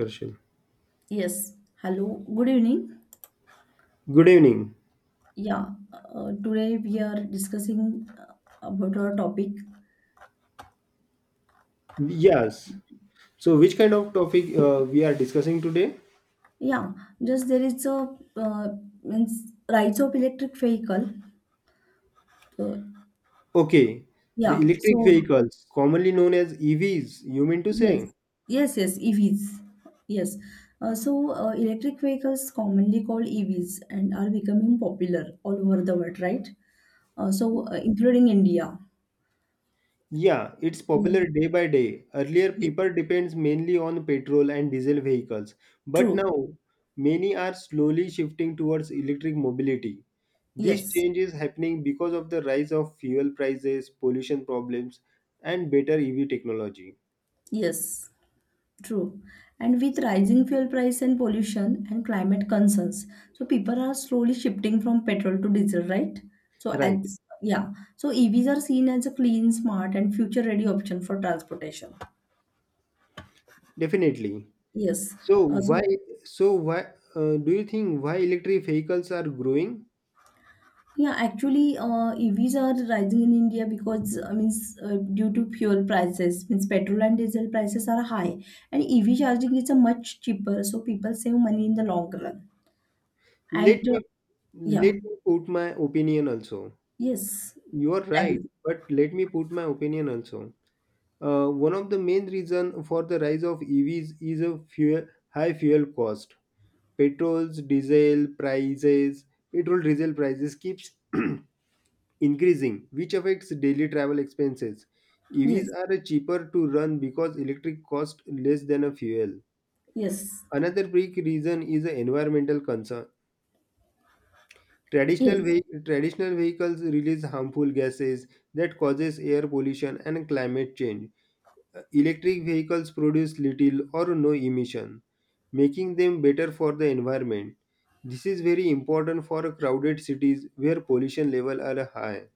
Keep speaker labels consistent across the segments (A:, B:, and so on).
A: Darshan.
B: Yes, hello, good evening.
A: Good evening.
B: Yeah, today we are discussing about our topic.
A: Yes. So, which kind of topic we are discussing today?
B: Yeah, just there is a means rise of electric vehicle. Uh,
A: Okay, the
B: yeah,
A: electric
B: so
A: vehicles, commonly known as EVs, you mean to
B: yes,
A: say?
B: yes, EVs. Yes, electric vehicles, commonly called EVs, and are becoming popular all over the world, right? Including India.
A: Yeah, it's
B: Yeah.
A: popular day by day. Earlier,
B: Ye-
A: people depends mainly on petrol and diesel vehicles, but
B: True.
A: now many are slowly shifting towards electric mobility. This
B: Yes.
A: change is happening because of the rise of fuel prices, pollution problems, and better EV technology.
B: Yes. True. And with rising fuel price and pollution and climate concerns, so people are slowly shifting from petrol to diesel, right? So
A: Right,
B: as yeah, so EVs are seen as a clean, smart, and future-ready option for transportation.
A: definitely.
B: Yes.
A: So
B: Uh,
A: why
B: so
A: so why do you think why electric vehicles are growing?
B: EVs are rising in India because due to fuel prices, means petrol and diesel prices are high, and EV charging is a much cheaper, so people save money in the long run.
A: Let
B: And
A: me
B: uh, yeah,
A: let me put my opinion also.
B: yes,
A: You are
B: Thank
A: right,
B: you.
A: but let me put my opinion also. One of the main reason for the rise of EVs is a fuel high fuel cost. Petrol's diesel prices, Petrol diesel prices keeps increasing, which affects daily travel expenses. EVs
B: Yes.
A: are cheaper to run because electric cost less than a fuel.
B: Yes,
A: Another big reason is the environmental concern.
B: yes,
A: Traditional vehicles release harmful gases that causes air pollution and climate change. Electric vehicles produce little or no emission, making them better for the environment. This is very important for crowded cities where pollution level are high.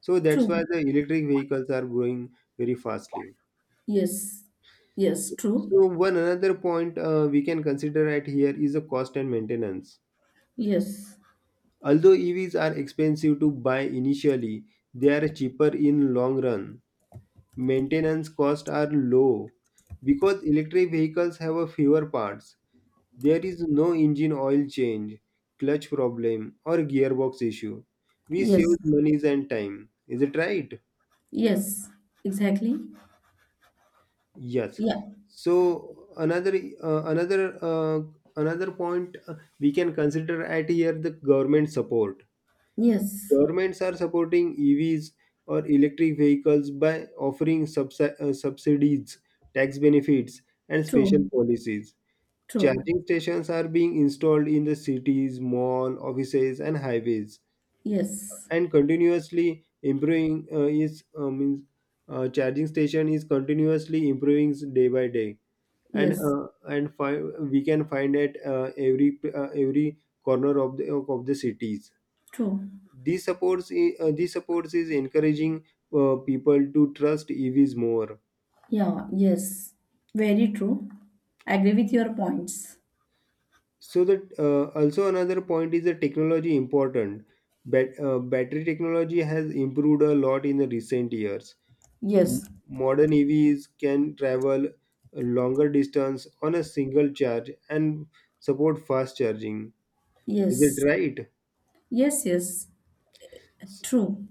A: So that's why
B: true.
A: the electric vehicles are growing very fastly.
B: Yes, yes,
A: So,
B: true.
A: so, one another point we can consider at here is the cost and maintenance.
B: Yes,
A: Although EVs are expensive to buy initially, they are cheaper in long run. Maintenance costs are low because electric vehicles have a fewer parts. There is no engine oil change, clutch problem or gearbox issue. We save
B: yes,
A: monies and time. Is it right?
B: yes, exactly.
A: Yes.
B: Yeah,
A: So uh, another uh, another point we can consider at here the government support.
B: yes,
A: Governments are supporting EVs or electric vehicles by offering subsidies, tax benefits, and special
B: true,
A: policies.
B: true.
A: Charging stations are being installed in the cities, mall, offices, and highways,
B: Yes,
A: and continuously improving is means charging station is continuously improving day by day, and
B: yes,
A: uh, and fi- we can find it every corner of the cities.
B: true.
A: This supports is encouraging people to trust EVs more.
B: Yeah, yes, very true. Agree with your points.
A: So that also another point is the technology important. Battery technology has improved a lot in the recent years. M-
B: Yes,
A: Modern EVs can travel a longer distance on a single charge and support fast charging. Is it
B: yes,
A: right?
B: yes, yes,
A: S-
B: true.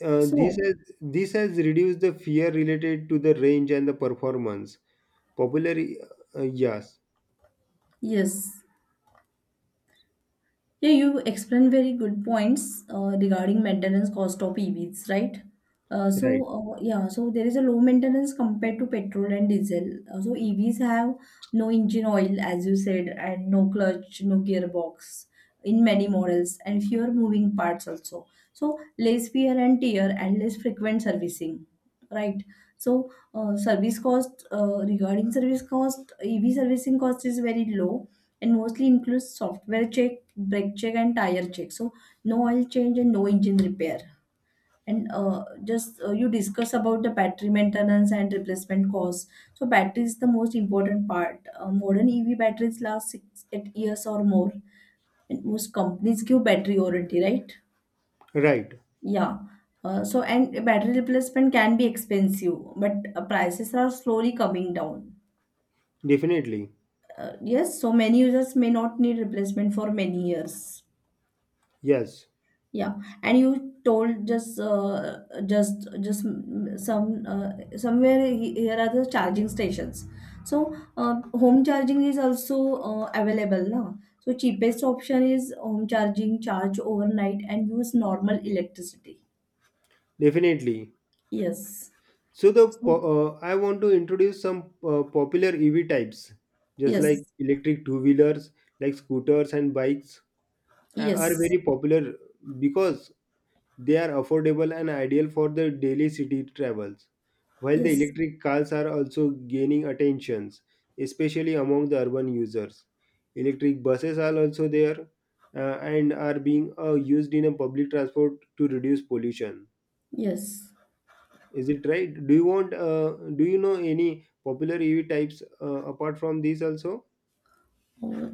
A: Uh, this
B: So,
A: has this has reduced the fear related to the range and the performance. Popular, yes.
B: yes, yeah, you explained very good points regarding maintenance cost of EVs, right? Uh, so
A: Right,
B: yeah, so there is a low maintenance compared to petrol and diesel. EVs have no engine oil, as you said, and no clutch, no gearbox in many models, and fewer moving parts also. So less wear and tear and less frequent servicing, right? So service cost regarding service cost, EV servicing cost is very low and mostly includes software check, brake check, and tire check. So no oil change and no engine repair. And just you discuss about the battery maintenance and replacement costs. So battery is the most important part. Modern EV batteries last 6 to 8 years or more, and most companies give battery warranty, right?
A: right,
B: Yeah. So and Battery replacement can be expensive, but prices are slowly coming down.
A: definitely.
B: Yes, so many users may not need replacement for many years.
A: Yes,
B: Yeah, and you told just mm, some somewhere he- here are the charging stations. Home charging is also available now. So cheapest option is home charging, charge overnight, and use normal electricity.
A: definitely.
B: Yes.
A: So
B: So
A: I want to introduce some popular EV types, just
B: yes,
A: like electric two-wheelers, like scooters and bikes, are
B: yes,
A: very popular because they are affordable and ideal for the daily city travels, while the
B: yes,
A: electric cars are also gaining attentions, especially among the urban users. Electric buses are also there and are being used in a public transport to reduce pollution.
B: yes.
A: Is it right? Do you want? Do you know any popular EV types apart from these also?
B: Uh,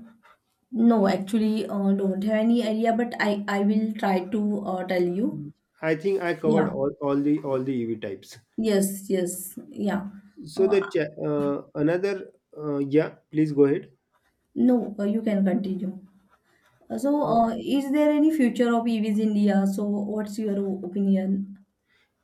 B: don't have any idea, but I will try to tell you.
A: I think I covered
B: Yeah.
A: all the EV types.
B: Yes, yeah.
A: So
B: Uh,
A: the cha- another yeah, please go ahead.
B: no, You can continue.
A: Uh,
B: Is there any future of EVs in India? So, what's your opinion?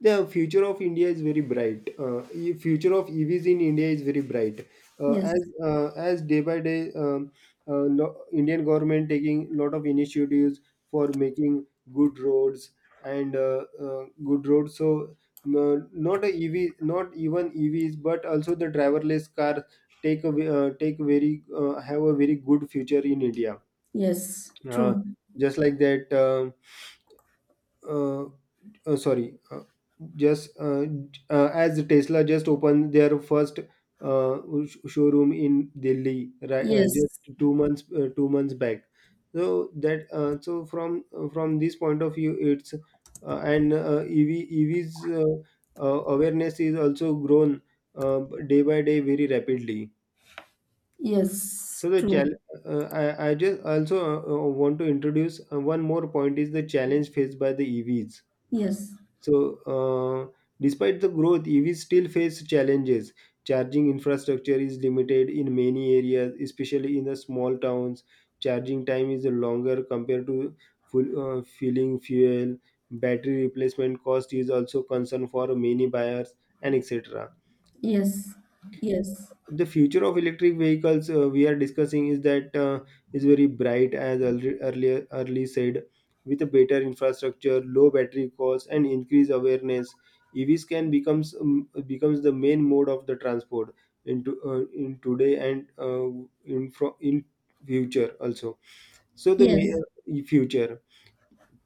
A: the future of India is very bright. E- future of EVs in India is very bright.
B: Yes,
A: As day by day, Indian government taking lot of initiatives for making good roads and good roads. So not a EV, not even EVs, but also the driverless car take a, ve- take very have a very good future in India.
B: yes,
A: Uh,
B: true.
A: just like that. Uh, sorry just As Tesla just opened their first uh, showroom in Delhi, right,
B: Yes,
A: just two months 2 months back. So that so from this point of view, it's and ev ev's awareness is also grown uh, day by day very rapidly. So
B: yes,
A: the
B: true.
A: challenge I just also want to introduce one more point is the challenge faced by the EVs.
B: Yes,
A: So, despite the growth, EVs still face challenges. Charging infrastructure is limited in many areas, especially in the small towns. Charging time is longer compared to filling fuel. Battery replacement cost is also concern for many buyers and etc.
B: yes, yes,
A: The future of electric vehicles we are discussing is that is very bright, as earl- earlier early said. With a better infrastructure, low battery costs and increased awareness, EVs can becomes the main mode of the transport into in today and in future also. So the ma-
B: yes,
A: future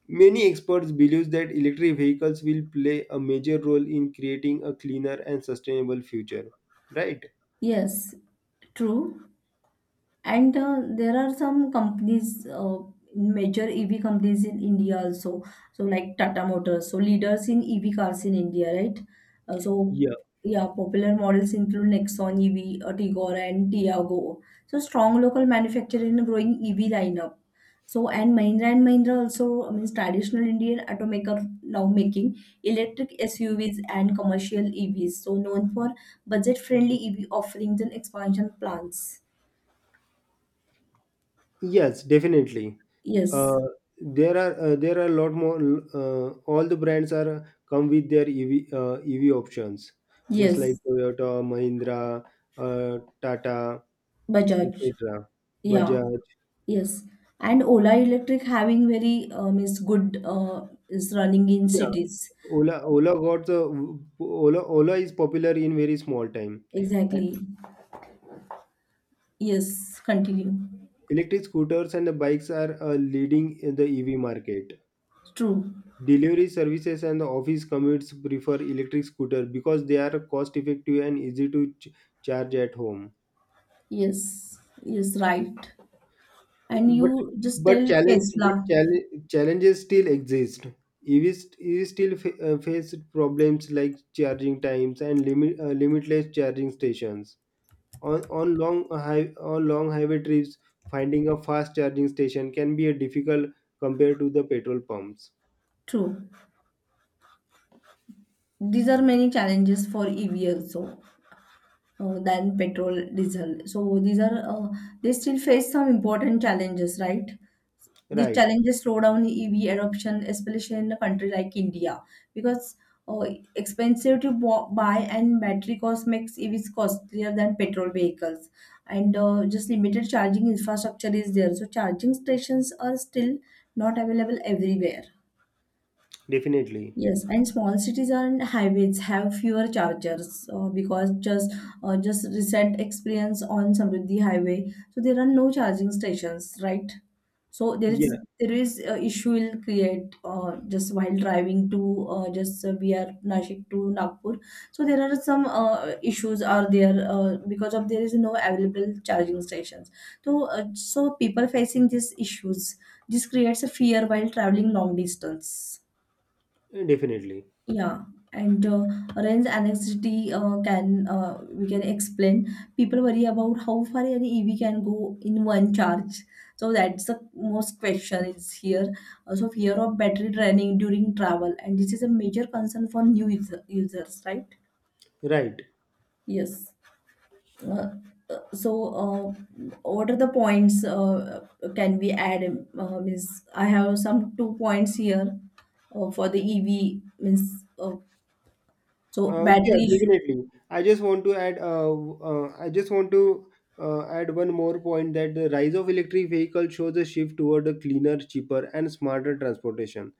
A: many experts believe that electric vehicles will play a major role in creating a cleaner and sustainable future, right.
B: yes, true. And There are some companies, major EV companies in India also. So like Tata Motors, so leaders in EV cars in India, right? Uh, so yeah, popular models include Nexon EV, Tigor, and Tiago. So strong local manufacturer in a growing EV lineup. So and Mahindra also I means traditional Indian automaker now making electric SUVs and commercial EVs. So known for budget-friendly EV offerings and expansion plans.
A: Yes, definitely. Uh,
B: Yes.
A: there are a lot more. All the brands are come with their EV options, just like
B: Yes,
A: Toyota, Mahindra, Tata,
B: Bajaj.
A: etc.
B: Yeah,
A: Bajaj.
B: yes. And Ola Electric having very means good is running in
A: Yeah,
B: cities.
A: Ola Ola got the Ola Ola is popular in very small time. Uh,
B: Exactly. Yes, continue.
A: Electric scooters and the bikes are leading in the EV market.
B: True.
A: Delivery services and the office commutes prefer electric scooter because they are cost effective and easy to charge at home.
B: Yes. Yes, right. And
A: But
B: you just
A: but
B: tell
A: challenge but
B: Tesla.
A: challenge, challenges still exist. EVs still face problems like charging times and limitless charging stations. On long highway trips, finding a fast charging station can be a difficult compared to the petrol pumps.
B: True. These are many challenges for EV also than petrol diesel. So these are they still face some important challenges, right? The
A: Right,
B: challenges slow down EV adoption, especially in a country like India, because uh, expensive to buy and battery cost makes EVs costlier than petrol vehicles, and just limited charging infrastructure is there. So charging stations are still not available everywhere.
A: definitely.
B: Yes, and small cities and highways have fewer chargers because just recent experience on Samruddhi Highway, so there are no charging stations, right? So there is
A: Yeah,
B: there is issue will create just while driving to just we are Nashik to Nagpur. So there are some issues are there because of there is no available charging stations. So people facing these issues, this creates a fear while traveling long distance.
A: definitely.
B: Yeah, and range anxiety can we can explain. People worry about how far an EV can go in one charge. So that's the most question is here. Also, fear of battery draining during travel, and this is a major concern for new users, right?
A: Right.
B: Yes. Uh, uh, so, uh, what are the points can we add? Means I have some two points here for the EV. Means so
A: Yeah,
B: battery issue.
A: Definitely. I just want to add. I just want to add one more point that the rise of electric vehicles shows a shift toward a cleaner, cheaper, and smarter transportation.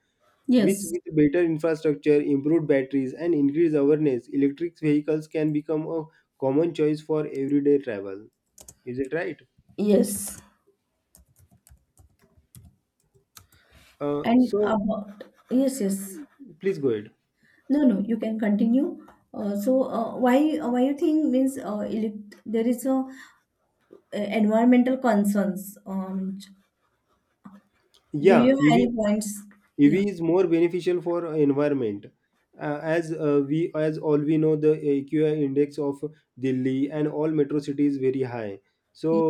A: Which,
B: Yes,
A: with better infrastructure, improved batteries, and increased awareness, electric vehicles can become a common choice for everyday travel. Is it right?
B: yes,
A: Uh,
B: and
A: so
B: about yes.
A: Please go ahead.
B: No, no, you can continue. Why you think means there is a environmental concerns? Do
A: Yeah,
B: you have
A: EV
B: any points?
A: ev
B: Yeah.
A: is more beneficial for environment. Uh, as uh, we as all we know, the AQI index of Delhi and all metro cities very high. So
B: Ye-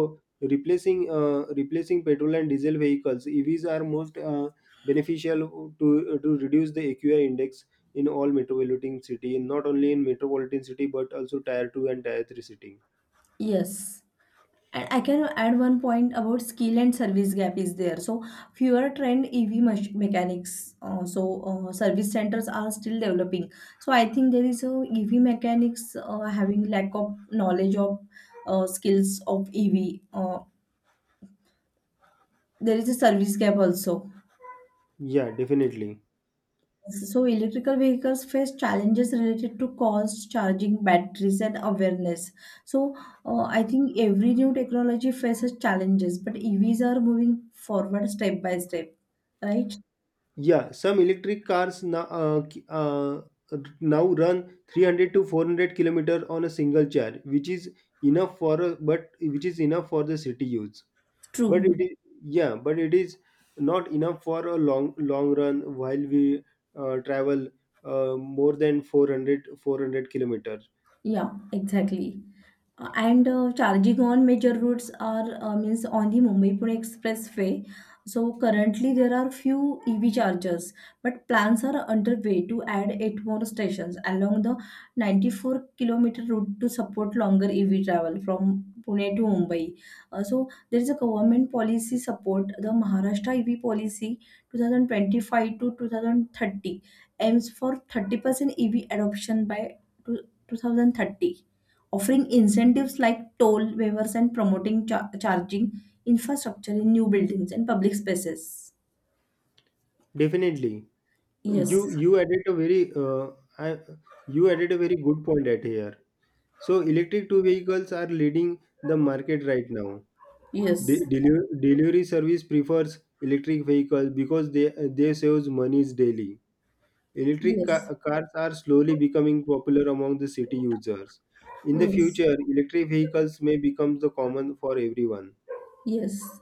A: replacing petrol and diesel vehicles, EVs are most beneficial to reduce the AQI index in all metropolitan city, not only in metropolitan city but also tier 2 and tier 3 city.
B: Yes. And I can add one point about skill and service gap is there. So fewer trained EV mechanics. Service centers are still developing. So I think there is a EV mechanics having lack of knowledge of skills of EV. There is a service gap also.
A: Yeah, definitely.
B: So electrical vehicles face challenges related to cost, charging, batteries, and awareness. So I think every new technology faces challenges, but EVs are moving forward step by step, right?
A: Yeah, some electric cars now, now run 300 to 400 kilometer on a single charge, which is enough for a, but which is enough for the city use. But it
B: True.
A: is yeah, but it is not enough for a long long run while we travel more than 400 400 kilometers.
B: Yeah, exactly. And Charging on major routes are means on the Mumbai-Pune expressway. So currently there are few EV chargers, but plans are underway to add eight more stations along the 94-kilometer route to support longer EV travel from Pune to Mumbai. Uh, so there is a government policy support, the Maharashtra EV policy 2025 to 2030 aims for 30% EV adoption by 2030, offering incentives like toll waivers and promoting charging infrastructure in new buildings and public spaces.
A: Definitely,
B: Yes,
A: you you added a very uh, I, you added a very good point at here. So electric two vehicles are leading the market right now.
B: yes,
A: Delivery service prefers electric vehicles because they saves monies daily.
B: yes,
A: Cars are slowly becoming popular among the city users. In the
B: yes,
A: future, electric vehicles may become the common for everyone.
B: yes.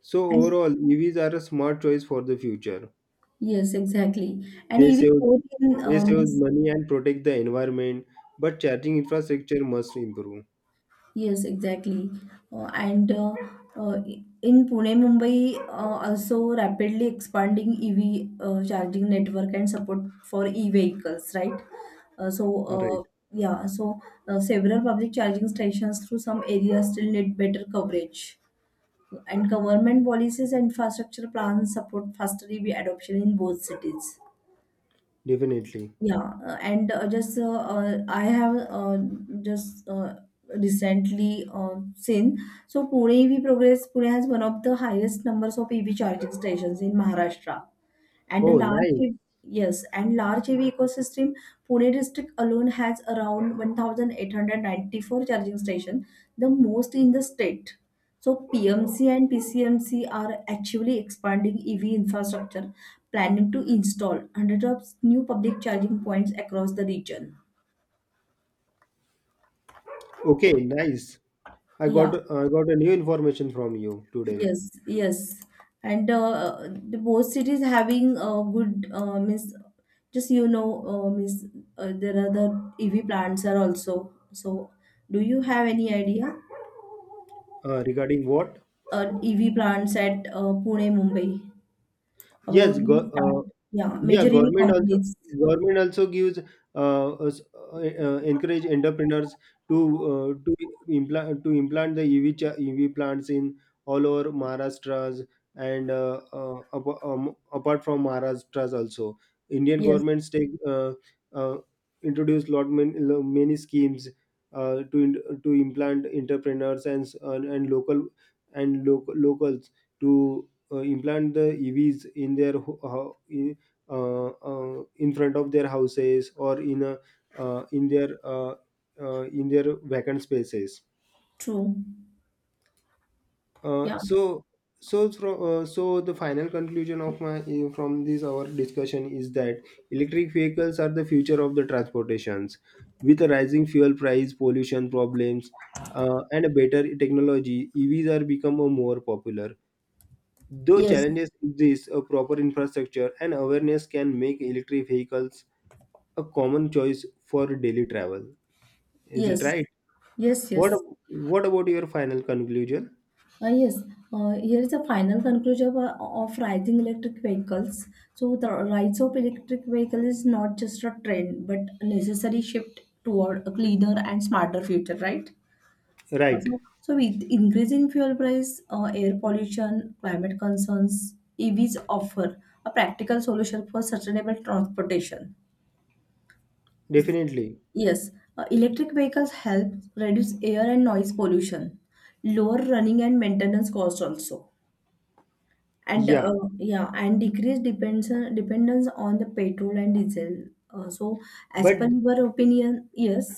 A: So
B: And
A: overall, EVs are a smart choice for the future.
B: yes, exactly. And
A: They
B: EV
A: save
B: growth in
A: they save money and protect the environment, but charging infrastructure must improve.
B: yes, exactly. And uh, in Pune, Mumbai, also rapidly expanding EV charging network and support for e-vehicles, right? Uh, so,
A: All
B: uh,
A: right,
B: yeah, so several public charging stations through some areas still need better coverage. And government policies and infrastructure plans support faster EV adoption in both cities.
A: definitely.
B: Yeah, and just I have just recently seen so Pune EV Progress Pune has one of the highest numbers of EV charging stations in Maharashtra. And a
A: Oh,
B: large,
A: nice.
B: hev- Yes, and large heavy ecosystem, Pune district alone has around 1,894 charging stations, the most in the state. So PMC and PCMC are actually expanding EV infrastructure, planning to install hundreds of new public charging points across the region.
A: Okay, nice.
B: Yeah,
A: I got a new information from you today.
B: yes, yes, and the both cities having good means just you know means there are the EV plants are also. So, do you have any idea
A: Regarding what?
B: EV plants at Pune, Mumbai about
A: Yes,
B: means, start? Yeah,
A: yeah,
B: major EV companies.
A: government also gives encourage entrepreneurs to uh, to implant the EV plants in all over Maharashtra's and apart from Maharashtra's also. Indian
B: Yes,
A: governments take uh, introduce many schemes to implant entrepreneurs and and locals to implant the EVs in their in front of their houses or in a, uh, in their uh, in their vacant spaces.
B: true.
A: Uh,
B: Yeah.
A: so so the final conclusion of my from this our discussion is that electric vehicles are the future of the transportations. With a rising fuel price, pollution problems, and a better technology, EVs are become a more popular. Though
B: Yes.
A: challenges exist, a proper infrastructure and awareness can make electric vehicles a common choice for daily travel. Is it
B: Yes.
A: right?
B: Yes.
A: What
B: Yes.
A: What about your final conclusion?
B: Yes. Here is the final conclusion of rising electric vehicles. So the rise of electric vehicle is not just a trend, but a necessary shift toward a cleaner and smarter future, right? Also,
A: Right,
B: so so with increasing fuel price, air pollution, climate concerns, EVs offer a practical solution for sustainable transportation.
A: definitely.
B: Yes, electric vehicles help reduce air and noise pollution, lower running and maintenance costs also and
A: Yeah,
B: yeah and decrease depends dependence on the petrol and diesel, so as
A: but
B: per your opinion yes.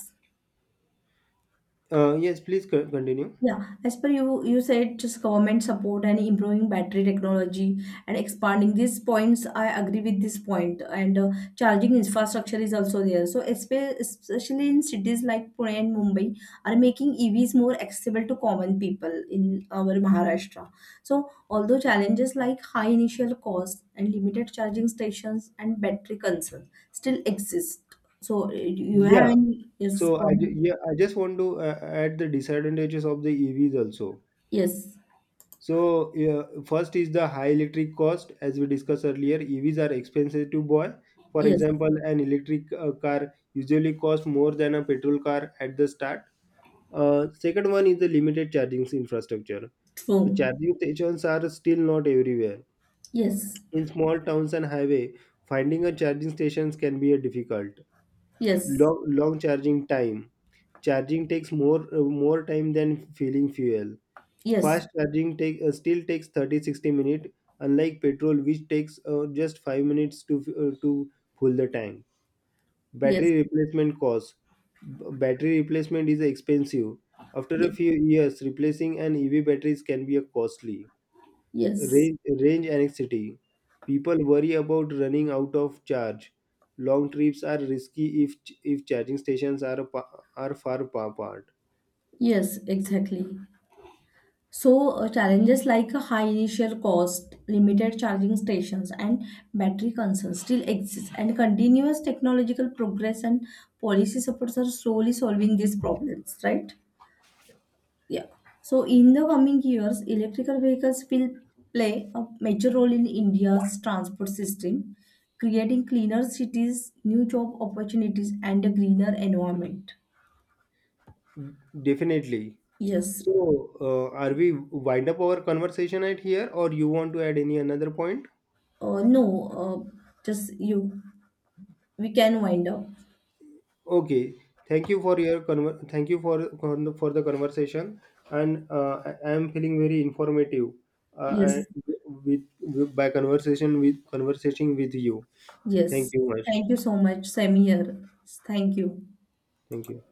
A: yes, please continue.
B: Yeah, as per you, you said just government support and improving battery technology and expanding these points. I agree with this point, and charging infrastructure is also there. So, especially in cities like Pune and Mumbai, are making EVs more accessible to common people in our Maharashtra. So, although challenges like high initial costs and limited charging stations and battery concerns still exist. So, you have
A: Yeah.
B: any yes
A: So I
B: point?
A: ju- yeah I just want to add the disadvantages of the EVs also.
B: Yes,
A: So first is the high electric cost. As we discussed earlier, EVs are expensive to buy. For
B: yes,
A: example, an electric car usually costs more than a petrol car at the start. Second one is the limited charging infrastructure. The
B: true.
A: charging stations are still not everywhere.
B: Yes,
A: In small towns and highway, finding a charging stations can be a difficult.
B: yes,
A: Long, long charging time. Charging takes more time than filling fuel.
B: yes,
A: Fast charging take still takes 30 60 minutes, unlike petrol, which takes just 5 minutes to, full the tank.
B: yes,
A: Battery replacement cost. Battery replacement is expensive. After a
B: ye-
A: few years, replacing an EV batteries can be a costly.
B: yes,
A: Range, range anxiety. People worry about running out of charge. Long trips are risky if charging stations are are far apart.
B: yes, exactly. So, challenges like a high initial cost, limited charging stations, and battery concerns still exist, and continuous technological progress and policy supports are slowly solving these problems, right? Yeah. So in the coming years, electrical vehicles will play a major role in India's transport system, creating cleaner cities, new job opportunities, and a greener environment.
A: Definitely.
B: Yes.
A: So, are we wind up our conversation at here, or you want to add any another point?
B: No. Just you. We can wind up.
A: Okay, thank you for your conver- thank you for con- for the conversation, and I am feeling very informative uh, I,
B: Yes.
A: with by conversation with you.
B: Yes.
A: Thank you much.
B: Thank you so much. Same here. Thank you.
A: Thank you.